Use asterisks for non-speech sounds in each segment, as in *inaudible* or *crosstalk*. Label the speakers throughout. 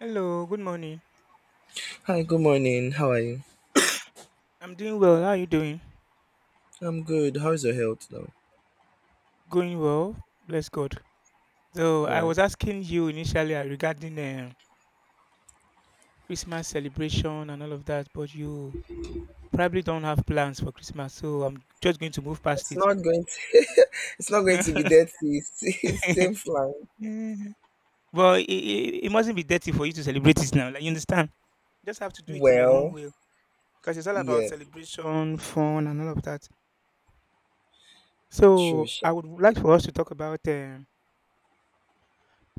Speaker 1: Hello, good morning.
Speaker 2: Hi, good morning. How are you?
Speaker 1: I'm doing well. How are you doing?
Speaker 2: I'm good. How's your health now?
Speaker 1: Going well, bless God. So
Speaker 2: All
Speaker 1: I
Speaker 2: right.
Speaker 1: was asking you initially regarding Christmas celebration and all of that, but you probably don't have plans for Christmas, so I'm just going to move past
Speaker 2: It's
Speaker 1: it.
Speaker 2: not going to. *laughs* It's not going to be
Speaker 1: *laughs*
Speaker 2: dirty. It's, *laughs* it seems like.
Speaker 1: Yeah. But it mustn't be dirty for you to celebrate it now. Like you understand? You just have to do it in your own
Speaker 2: Well,
Speaker 1: way, because it's all about
Speaker 2: yes,
Speaker 1: celebration, fun, and all of that.
Speaker 2: true.
Speaker 1: So
Speaker 2: Sha.
Speaker 1: I would like for us to talk about. Uh,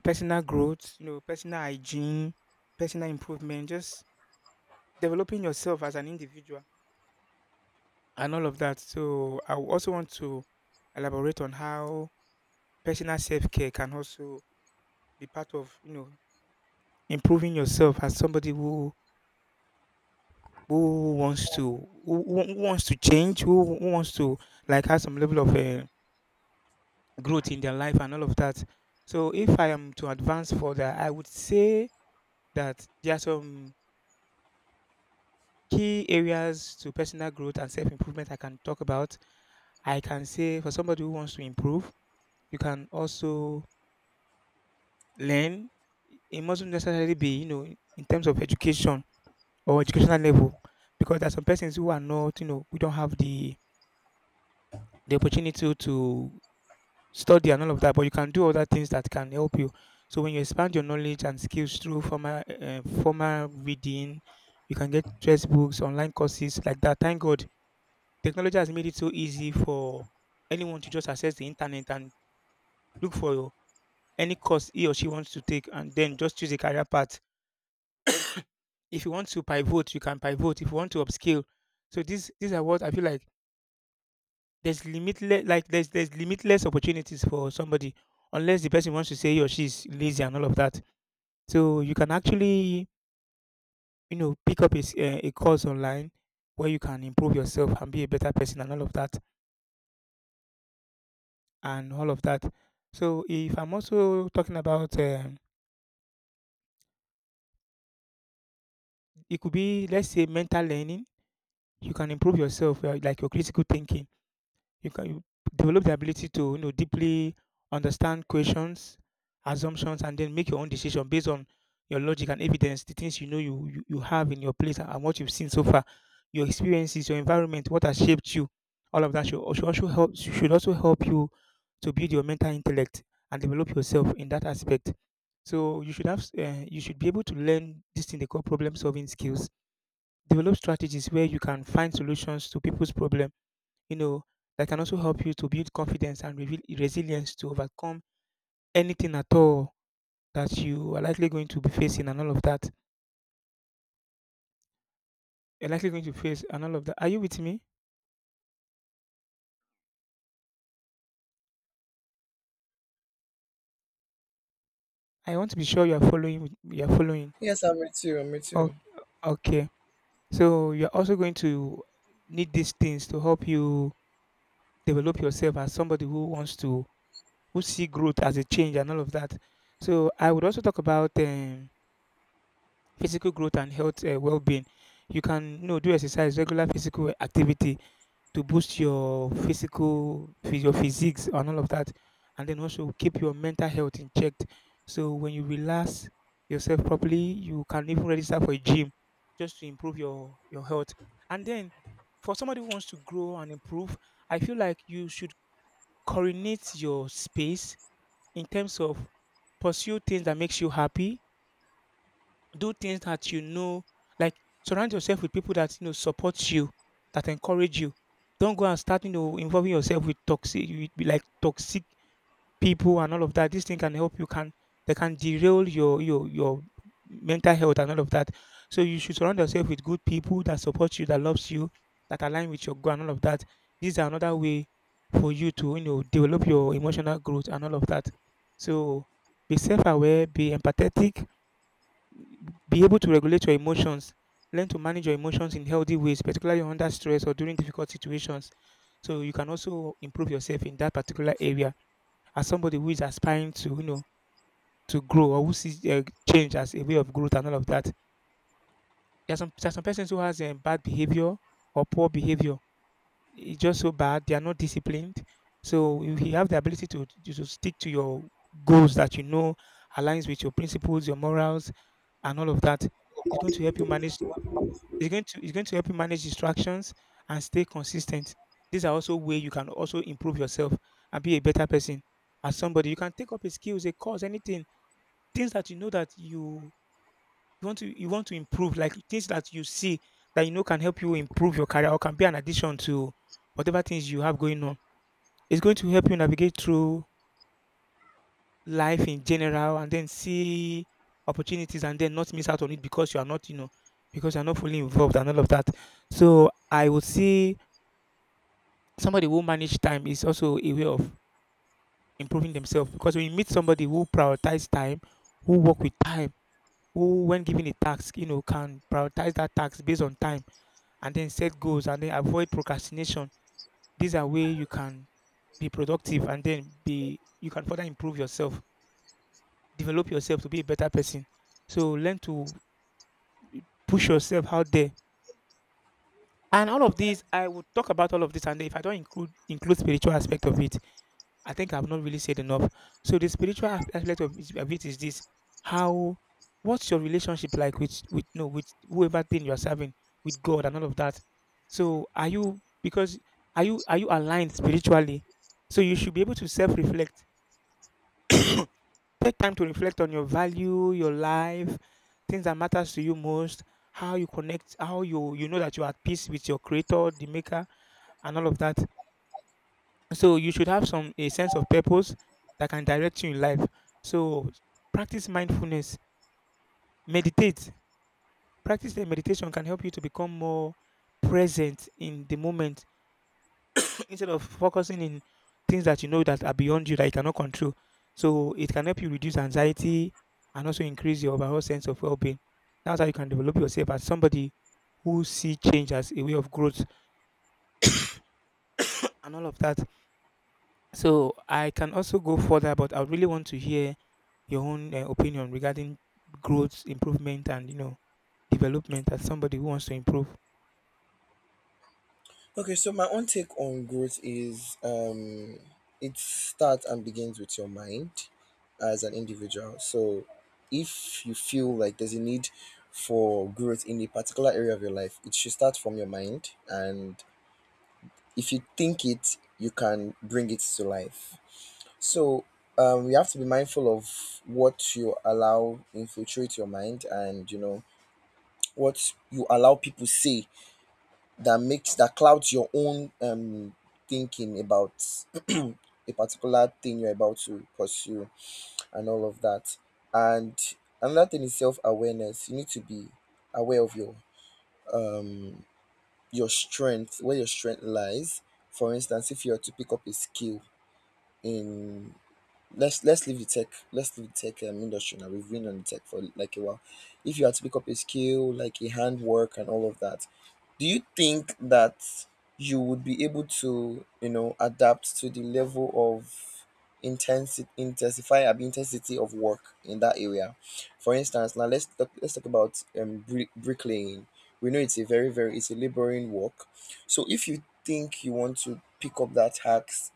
Speaker 1: Personal growth, personal hygiene, personal improvement, just developing yourself as an individual and all of that. So I would also want to elaborate on how personal self-care can also be part of, improving yourself as somebody who wants to who wants to change, who wants to like have some level of growth in their life and all of that. So if I am to advance further, I would say that there are some key areas to personal growth and self improvement I can talk about. I can say for somebody who wants to improve, you can also learn. It mustn't necessarily be, in terms of education or educational level, because there are some persons who are not, who don't have the opportunity to study and all of that. But you can do other things that can help you. So when you expand your knowledge and skills through formal reading, you can get textbooks, online courses like that. Thank God technology has made it so easy for anyone to just access the internet and look for any course he or she wants to take and then just choose a career path. If you want to pivot, you can pivot. If you want to upscale. So these are what I feel like there's limitless like there's limitless opportunities for somebody unless the person wants to say he or she is lazy and all of that. So you can actually, pick up a, s- eh, a course online where you can improve yourself and be a better person and all of that. And all of that. So if I'm also talking about, it could be let's say mental learning. You can improve yourself, like your critical thinking. You develop the ability to deeply understand questions, assumptions, and then make your own decision based on your logic and evidence, the things you know you have in your place and what you've seen so far, your experiences, your environment, what has shaped you. All of that should also help you to build your mental intellect and develop yourself in that aspect. So you should be able to learn this thing they call problem solving skills. Develop strategies where you can find solutions to people's problems you know, that can also help you to build confidence and reveal resilience to overcome anything at all that you are likely going to be facing and all of that. You're likely going to face and all of that. Are you with me? I want to be sure you are following. You are following.
Speaker 2: Yes, I'm me too. I'm me
Speaker 1: O-
Speaker 2: too.
Speaker 1: Okay. So you're also going to need these things to help you develop yourself as somebody who wants to who see growth as a change and all of that. So I would also talk about physical growth and health well-being. You can do exercise, regular physical activity to boost your physiques and all of that and then also keep your mental health in check so when you relax yourself properly you can even register for a gym just to improve your health and then for somebody who wants to grow and improve I feel like you should coordinate your space in terms of pursue things that makes you happy do things that you know, like surround yourself with people that you know support you, that encourage you. Don't go and start, involving yourself with like toxic people and all of that. This thing can help you. Can they can derail your mental health and all of that. So you should surround yourself with good people that support you, that loves you, that align with your goal and all of that. These are another way for you to develop your emotional growth and all of that. So be self-aware, be empathetic, be able to regulate your emotions. Learn to manage your emotions in healthy ways, particularly under stress or during difficult situations. So you can also improve yourself in that particular area as somebody who is aspiring to grow or who sees change as a way of growth and all of that. There are some persons who has bad behavior or poor behavior. It's just so bad. They are not disciplined. So if you have the ability to stick to your goals that you know aligns with your principles, your morals, and all of that. It's going to help you manage It's going to help you manage distractions and stay consistent. These are also way you can also improve yourself and be a better person. As somebody, you can take up a skills, a course, anything, things that you want to improve, like things that you see that you know can help you improve your career or can be an addition to whatever things you have going on. It's going to help you navigate through life in general and then see opportunities and then not miss out on it because you are not, because you're not fully involved and all of that. So I would say somebody who manage time is also a way of improving themselves because when you meet somebody who prioritize time, who work with time, who when given a task, can prioritize that task based on time and then set goals and then avoid procrastination. These are way you can be productive and then be you can further improve yourself, develop yourself to be a better person. So learn to push yourself out there. And all of these, I would talk about all of this, and if I don't include spiritual aspect of it, I think I've not really said enough. So the spiritual aspect of it is this: how, what's your relationship like with no with whoever thing you are serving with God and all of that. So are you aligned spiritually? So you should be able to self reflect. Take time to reflect on your value, your life, things that matters to you most, how you connect, how you know that you are at peace with your Creator, the Maker, and all of that. So you should have some a sense of purpose that can direct you in life. So practice mindfulness, meditate. Practice the meditation can help you to become more present in the moment *clears throat* instead of focusing in things that you know that are beyond you that you cannot control. So it can help you reduce anxiety and also increase your overall sense of well-being. That's how you can develop yourself as somebody who see change as a way of growth and all of that. So I can also go further, but I really want to hear your own opinion regarding growth, improvement, and development as somebody who wants to improve.
Speaker 2: Okay, so my own take on growth is it starts and begins with your mind as an individual. So, if you feel like there's a need for growth in a particular area of your life, it should start from your mind, and if you think it, you can bring it to life. So we have to be mindful of what you allow infiltrate your mind, and you know what you allow people say that makes that clouds your own thinking about a particular thing you're about to pursue, and all of that. And another thing is self awareness. You need to be aware of um, your strength, where your strength lies. For instance, if you are to pick up a skill in let's leave the tech let's leave the tech industry. Now we've been on the tech for like a while. If you had to pick up a skill like a handwork and all of that, do you think that you would be able to you know adapt to the level of intensity intensify and intensity of work in that area? For instance, now let's talk about bricklaying. We know it's a very it's a laboring work. So if you think you want to pick up that hacks,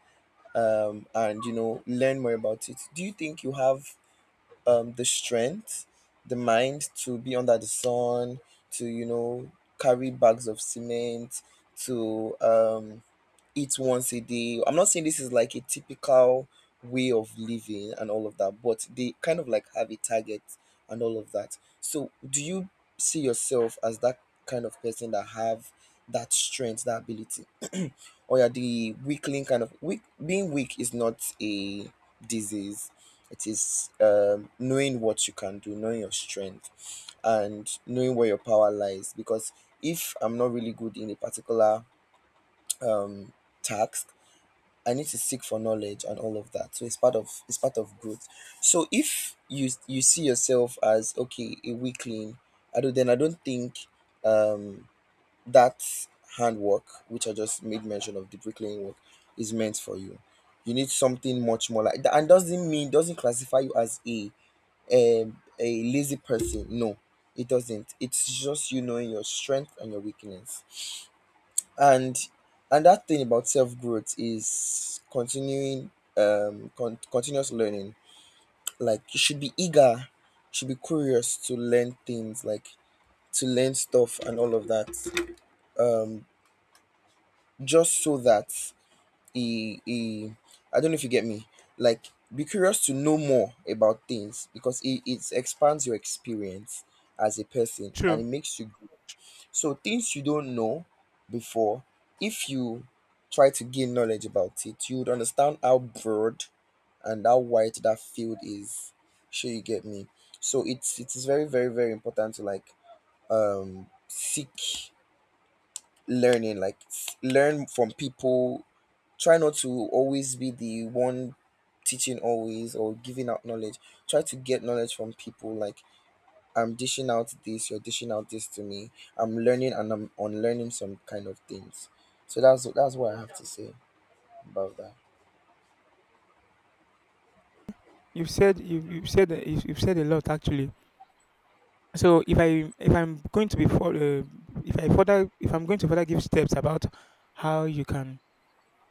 Speaker 2: and you know learn more about it, do you think you have the strength, the mind to be under the sun, to you know carry bags of cement, to eat once a day? I'm not saying this is like a typical way of living and all of that, but they kind of like have a target and all of that. So, do you see yourself as that kind of person that have that strength, that ability, *clears throat* or are the weakling kind of weak? Being weak is not a disease. It is knowing what you can do, knowing your strength, and knowing where your power lies. Because if I'm not really good in a particular um, task, I need to seek for knowledge and all of that. So it's part of growth. So if you see yourself as okay a weakling, I don't then I don't think um that handwork, which I just made mention of, the bricklaying work, is meant for you. You need something much more like that, and doesn't mean doesn't classify you as a lazy person. No, it doesn't. It's just you knowing your strength and your weakness. and and that thing about self growth is continuous learning. Like you should be eager, you should be curious to learn things, like to learn stuff and all of that. um just so that he I don't know if you get me, like be curious to know more about things, because it expands your experience as a person and
Speaker 1: True.
Speaker 2: it makes you. So things you don't know before, if you try to gain knowledge about it, you would understand how broad and how wide that field is. Sure, you get me. So it is very important to like seek learning, like learn from people. Try not to always be the one teaching always or giving out knowledge. Try to get knowledge from people, like I'm dishing out this, you're dishing out this to me. I'm learning and I'm unlearning some kind of things. So that's what I have to say about that.
Speaker 1: You've said a lot actually. So if I'm going to further give steps about how you can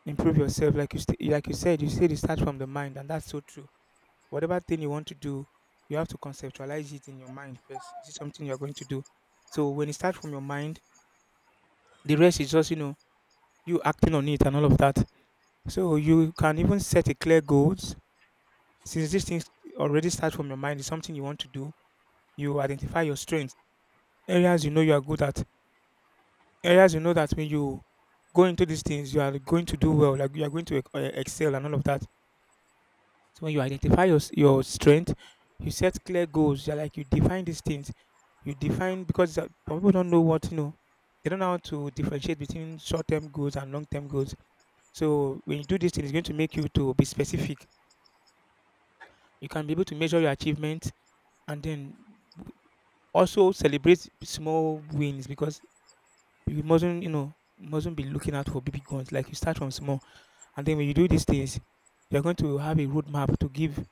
Speaker 1: improve yourself, like you said you start from the mind, and that's so true whatever thing you want to do, you have to conceptualize it in your mind first. Is it something you're going to do? So when it starts from your mind, the rest is just, you acting on it and all of that. So you can even set a clear goals. Since these things already start from your mind, it's something you want to do. You identify your strengths, areas you know you are good at, areas you know that when you go into these things, you are going to do well, like you are going to excel and all of that. So when you identify your your strength, you set clear goals. You're like you define these things. You define because some people don't know what you know. They don't know how to differentiate between short-term goals and long-term goals. So when you do this thing, it's going to make you to be specific. You can be able to measure your achievement, and then w- also celebrate small wins because you mustn't, mustn't be looking out for big ones. Like you start from small, and then when you do these things, you're going to have a roadmap to give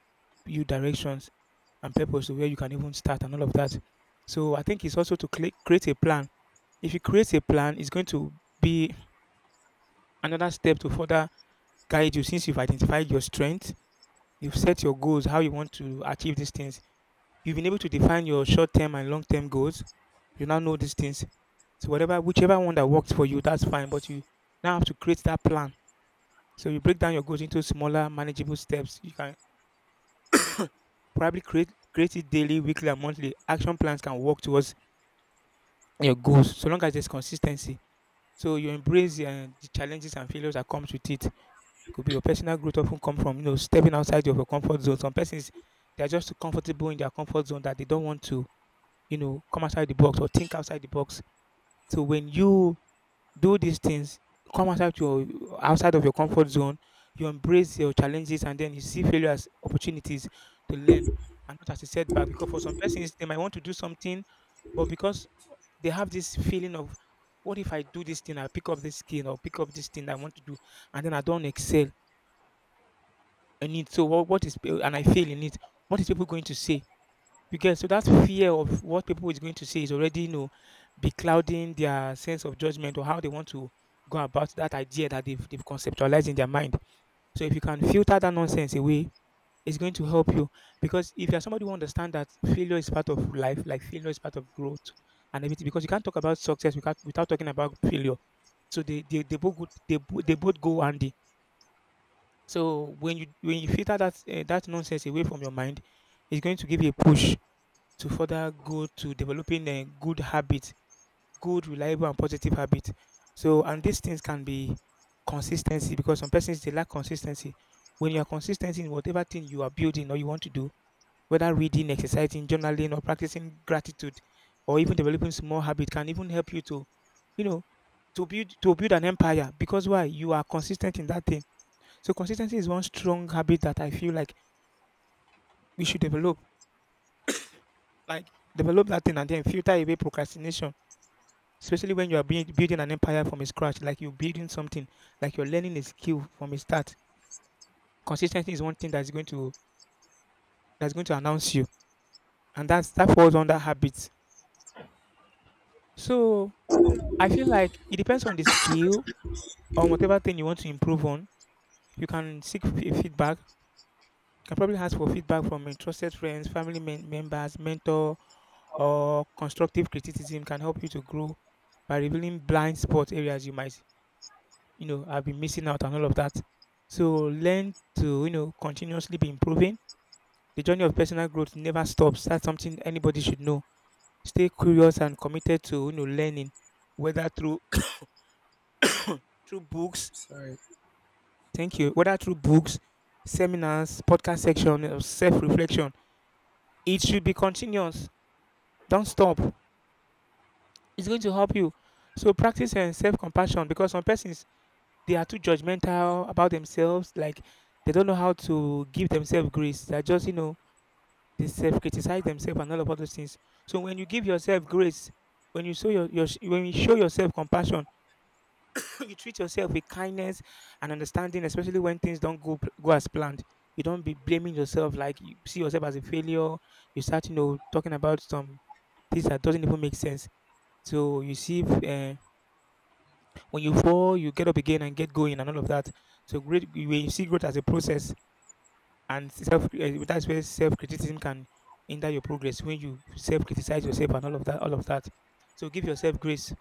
Speaker 1: you directions and purpose to where you can even start and all of that. So I think it's also to create a plan. If you create a plan, it's going to be another step to further guide you. Since you've identified your strength, you've set your goals, how you want to achieve these things, you've been able to define your short term and long term goals. You now know these things. So whatever whichever one that works for you, that's fine. But you now have to create that plan. So you break down your goals into smaller, manageable steps. You can probably create it daily, weekly, and monthly. Action plans can work towards your goals so long as there's consistency. So you embrace the challenges and failures that comes with it. It could be your personal growth often come from, stepping outside of your comfort zone. Some persons, they are just too comfortable in their comfort zone that they don't want to, come outside the box or think outside the box. So when you do these things, come outside your outside of your comfort zone, you embrace your challenges, and then you see failure as opportunities to learn and not as a setback. Because for some persons, they might want to do something, but because they have this feeling of, what if I do this thing, I pick up this skill or pick up this thing I want to do, and then I don't excel in it. So what is and I fail in it? What is people going to say? You get? So that fear of what people is going to say is already, beclouding their sense of judgment or how they want to go about that idea that they've conceptualized in their mind. So if you can filter that nonsense away, is going to help you, because if you're somebody who understands that failure is part of life, like failure is part of growth and everything. Because you can't talk about success without, without talking about failure. So they both go, they both go handy. So when you filter that nonsense away from your mind, it's going to give you a push to further go to developing a good habit, good, reliable, and positive habit. So, and these things can be consistency, because some persons they lack consistency. When you are consistent in whatever thing you are building or you want to do, whether reading, exercising, journaling, or practicing gratitude, or even developing small habit, can even help you to, you know, to build an empire. Because why? You are consistent in that thing. So consistency is one strong habit that I feel like we should develop. Like develop that thing and then filter away procrastination. Especially when you are building an empire from scratch, like you're building something, like you're learning a skill from a start. Consistency is one thing that's going to announce you, and that falls under habits. So I feel like it depends on the skill, on whatever thing you want to improve on. You can seek feedback. You can probably ask for feedback from your trusted friends, family members, mentor, or constructive criticism can help you to grow by revealing blind spot areas you might, have been missing out and all of that. So learn to, continuously be improving. The journey of personal growth never stops. That's something anybody should know. Stay curious and committed to, learning, whether through *coughs* through books,
Speaker 2: Sorry.
Speaker 1: thank you. Whether through books, seminars, podcast section, or self reflection, it should be continuous. Don't stop. It's going to help you. So practice and self compassion, because some persons, they are too judgmental about themselves. Like they don't know how to give themselves grace. They're just, they self criticize themselves and all those things. So when you give yourself grace, when you show your when you show yourself compassion, *clears throat* you treat yourself with kindness and understanding, especially when things don't go as planned. You don't be blaming yourself, like you see yourself as a failure. You start, talking about some things that doesn't even make sense. So you see, when you fall, you get up again and get going and all of that. So great, when you see growth as a process, that's where self criticism can hinder your progress, when you self criticize yourself and all of that, so give yourself grace.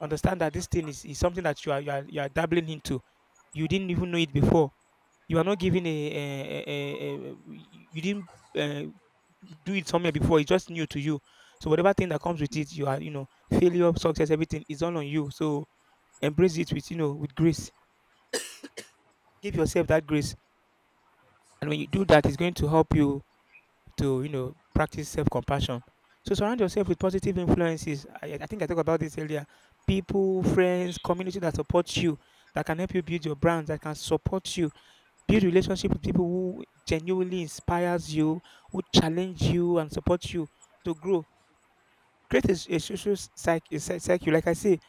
Speaker 1: Understand that this thing is something that you are dabbling into. You didn't even know it before. You are not giving you didn't uh, do it somewhere before. It's just new to you. So whatever thing that comes with it, you are, failure, success, everything is all on you. So embrace it with, with grace. Give yourself that grace, and when you do that, it's going to help you to, practice self-compassion. So surround yourself with positive influences. I think I talked about this earlier. People, friends, community that support you, that can help you build your brand, that can support you, build relationship with people who genuinely inspires you, who challenge you and support you to grow. Create a social cycle. Like I say,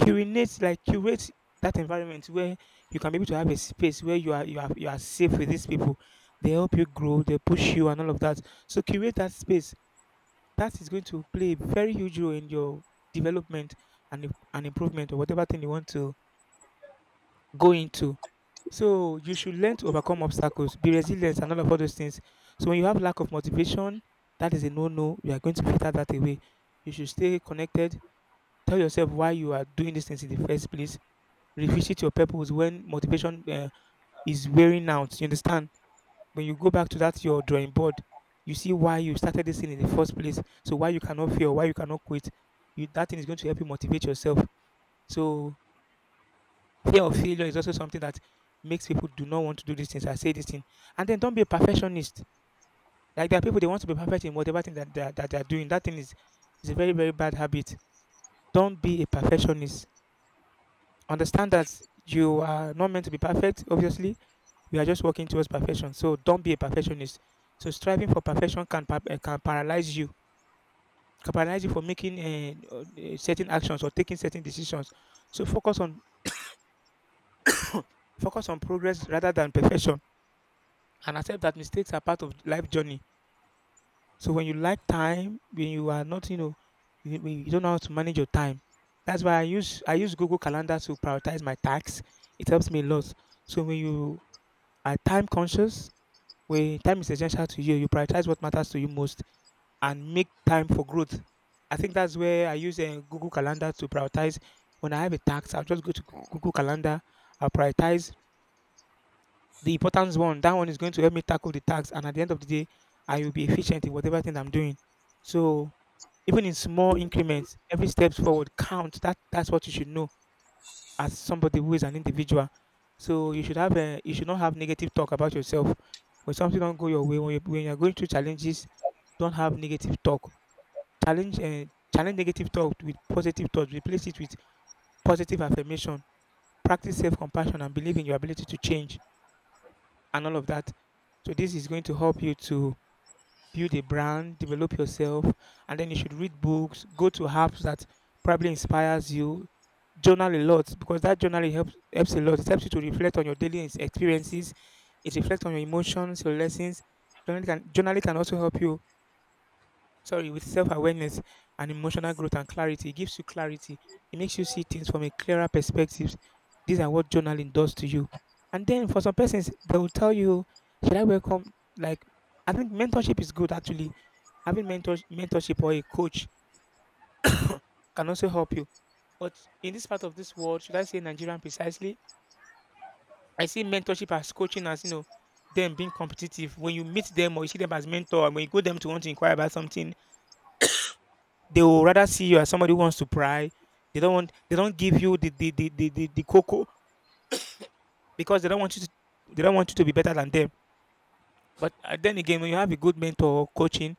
Speaker 1: curate like curate that environment where you can be able to have a space where you are safe with these people. They help you grow, they push you and all of that. So curate that space. That is going to play a very huge role in your development and improvement, or whatever thing you want to go into. So you should learn to overcome obstacles, be resilient, and all those things. So when you have lack of motivation, that is a no-no. You are going to filter that away. You should stay connected. Tell yourself why you are doing these things in the first place. Revisit your purpose when motivation is wearing out. You understand? When you go back to that your drawing board, you see why you started this thing in the first place. So why you cannot fail, why you cannot quit. You, that thing is going to help you motivate yourself. So fear of failure is also something that makes people do not want to do these things. I say this thing, and then don't be a perfectionist. Like there are people, they want to be perfect in whatever thing that they are doing. That thing is a very, very bad habit. Don't be a perfectionist. Understand that you are not meant to be perfect. Obviously, we are just working towards perfection. So don't be a perfectionist. So striving for perfection can can paralyze you for making certain actions or taking certain decisions. So focus on progress rather than perfection, and accept that mistakes are part of life journey. So when you lack time, when you are not, when you don't know how to manage your time. That's why I use Google Calendar to prioritize my tasks. It helps me a lot. So when you are time conscious, where time is essential to you, you prioritize what matters to you most and make time for growth. I think that's where I use a Google Calendar to prioritize. When I have a task, I'll just go to Google Calendar. I'll prioritize the important one. That one is going to help me tackle the task. And at the end of the day, I will be efficient in whatever thing I'm doing. So even in small increments, every steps forward count. That's what you should know as somebody who is an individual. So you should have a, you should not have negative talk about yourself. When something don't go your way, when you're going through challenges, don't have negative talk. Challenge uh, Challenge negative talk with positive thoughts. Replace it with positive affirmation. Practice self compassion and believe in your ability to change and all of that. So this is going to help you to build a brand, develop yourself, and then you should read books, go to apps that probably inspires you, journal a lot, because that journaling helps a lot. It helps you to reflect on your daily experiences. It reflects on your emotions, your lessons. Journaling can also help you, sorry, with self-awareness and emotional growth and clarity. It gives you clarity. It makes you see things from a clearer perspective. These are what journaling does to you. And then for some persons, they will tell you, should I welcome, like, I think mentorship is good actually. Having mentorship or a coach can also help you. But in this part of this world, should I say Nigerian precisely? I see mentorship as coaching, as, them being competitive. When you meet them or you see them as mentor, and when you go them to want to inquire about something, they will rather see you as somebody who wants to pry. They don't give you the cocoa, because they don't want you to, they don't want you to be better than them. But then again, when you have a good mentor coaching,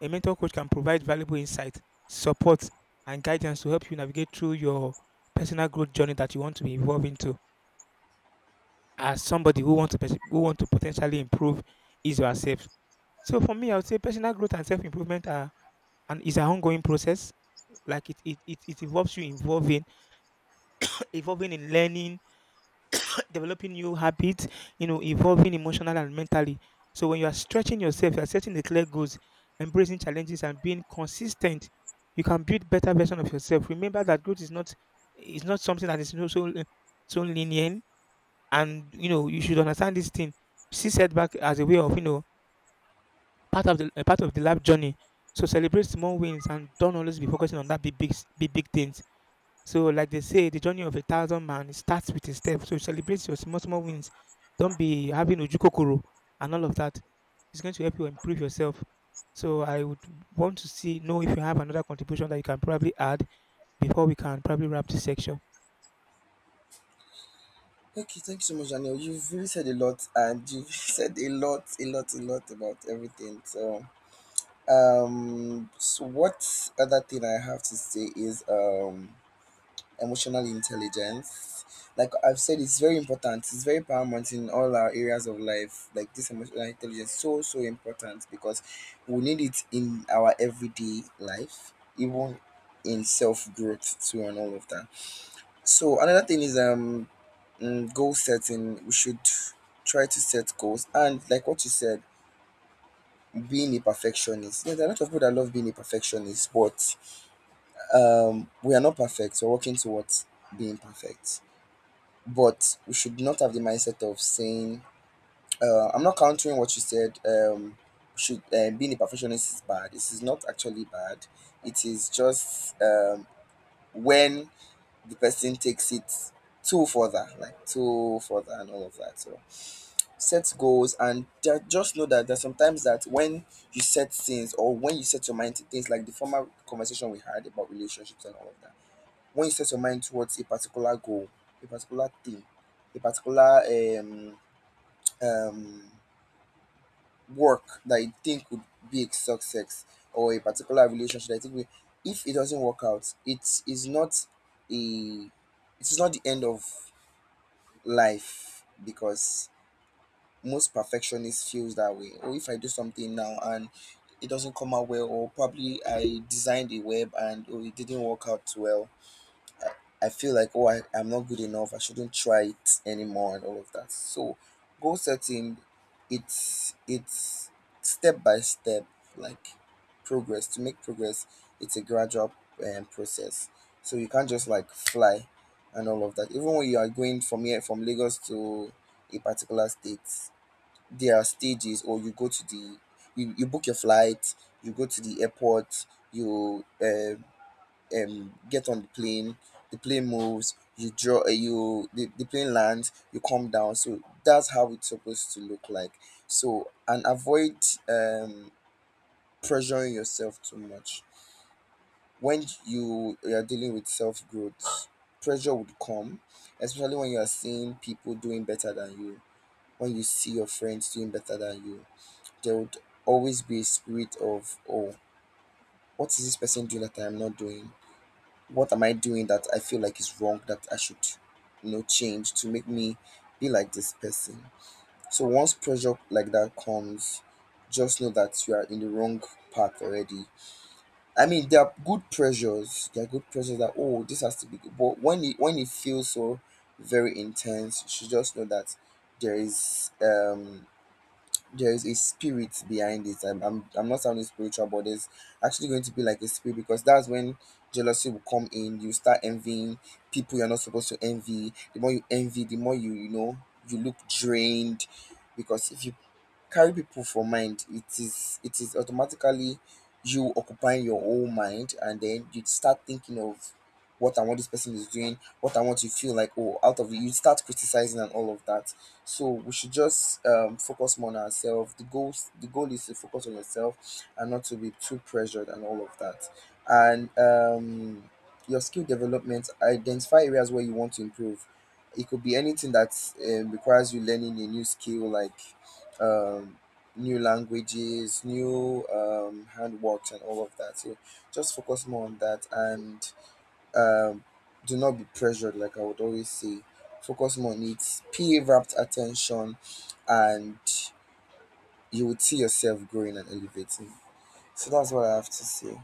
Speaker 1: a mentor coach can provide valuable insight, support, and guidance to help you navigate through your personal growth journey that you want to be involved into, as somebody who wants to pers- who want to potentially improve is yourself. So for me, I would say personal growth and self improvement are and is an ongoing process. Like it involves you involving evolving in learning, *clears throat* developing new habits, you know, evolving emotionally and mentally. So when you are stretching yourself, you are setting the clear goals, embracing challenges and being consistent, you can build better version of yourself. Remember that growth is not something that is so linear, and you know, you should understand this thing. See setback as a way of, you know, part of the life journey. So celebrate small wins, and don't always be focusing on that big things. So, like they say, the journey of a thousand man, it starts with a step. So, celebrate your small wins. Don't be having ojukokoro and all of that. It's going to help you improve yourself. So, I would want to see know if you have another contribution that you can probably add before we can probably wrap this section.
Speaker 2: Okay, thank you so much, Daniel. You've really said a lot, and you've *laughs* said a lot, a lot, a lot about everything. So so what other thing I have to say is emotional intelligence. Like I've said, it's very important. It's very paramount in all our areas of life. Like this emotional intelligence, so so important because we need it in our everyday life, even in self growth too, and all of that. So another thing is goal setting. We should try to set goals, and like what you said, being a perfectionist. Yeah, there are a lot of people that love being a perfectionist, but we are not perfect. We're working towards being perfect. But we should not have the mindset of saying, I'm not countering what you said. Should being a perfectionist is bad. It is not actually bad. It is just when the person takes it too further, like too further and all of that. So set goals and just know that there's sometimes that when you set things or when you set your mind to things, like the former conversation we had about relationships and all of that, when you set your mind towards a particular goal, a particular thing, a particular um, um, work that you think would be a success, or a particular relationship that you think will, if it doesn't work out, it is not a, it is not the end of life, because most perfectionists feels that way. Or if I do something now and it doesn't come out well, or probably I designed a web and oh, it didn't work out well, I feel like, oh, I'm not good enough. I shouldn't try it anymore and all of that. So goal setting, it's step by step, like progress. To make progress, it's a gradual process. So you can't just like fly and all of that. Even when you are going from here from Lagos to a particular state, there are stages. Or you go to the, you book your flight, you go to the airport, you get on the plane, the plane moves, you draw you the plane lands, you come down. So that's how it's supposed to look like. So and avoid um pressuring yourself too much when you are dealing with self growth, pressure would come, especially when you are seeing people doing better than you, when you see your friends doing better than you, there would always be a spirit of oh, what is this person doing that I'm not doing, what am I doing that I feel like is wrong that I should, you know, change to make me be like this person? So once pressure like that comes, just know that you are in the wrong path already. I mean, there are good pressures. There are good pressures that oh, this has to be good. But when it feels so very intense, you should just know that there is um there is a spirit behind it. I'm not sounding spiritual, but there's actually going to be like a spirit, because that's when jealousy will come in. You start envying people you're not supposed to envy. The more you envy, the more you, you know, you look drained. Because if you carry people for mind, it is automatically you occupying your whole mind, and then you start thinking of what and what this person is doing, what and what you feel like oh out of it, you start criticizing and all of that. So we should just focus more on ourselves. The goal is to focus on yourself and not to be too pressured and all of that. And your skill development, identify areas where you want to improve. It could be anything that requires you learning a new skill, like um, new languages, new handworks, and all of that. So just focus more on that, and um, do not be pressured, like I would always say. Focus more on it, pay rapt attention, and you would see yourself growing and elevating. So that's what I have to say.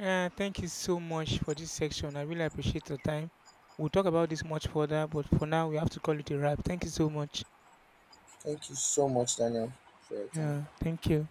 Speaker 1: Yeah, thank you so much for this section. I really appreciate your time. We'll talk about this much further, but for now, we have to call it a wrap. Thank you so much.
Speaker 2: Thank you so much, Daniel, for your time.
Speaker 1: Yeah, thank you.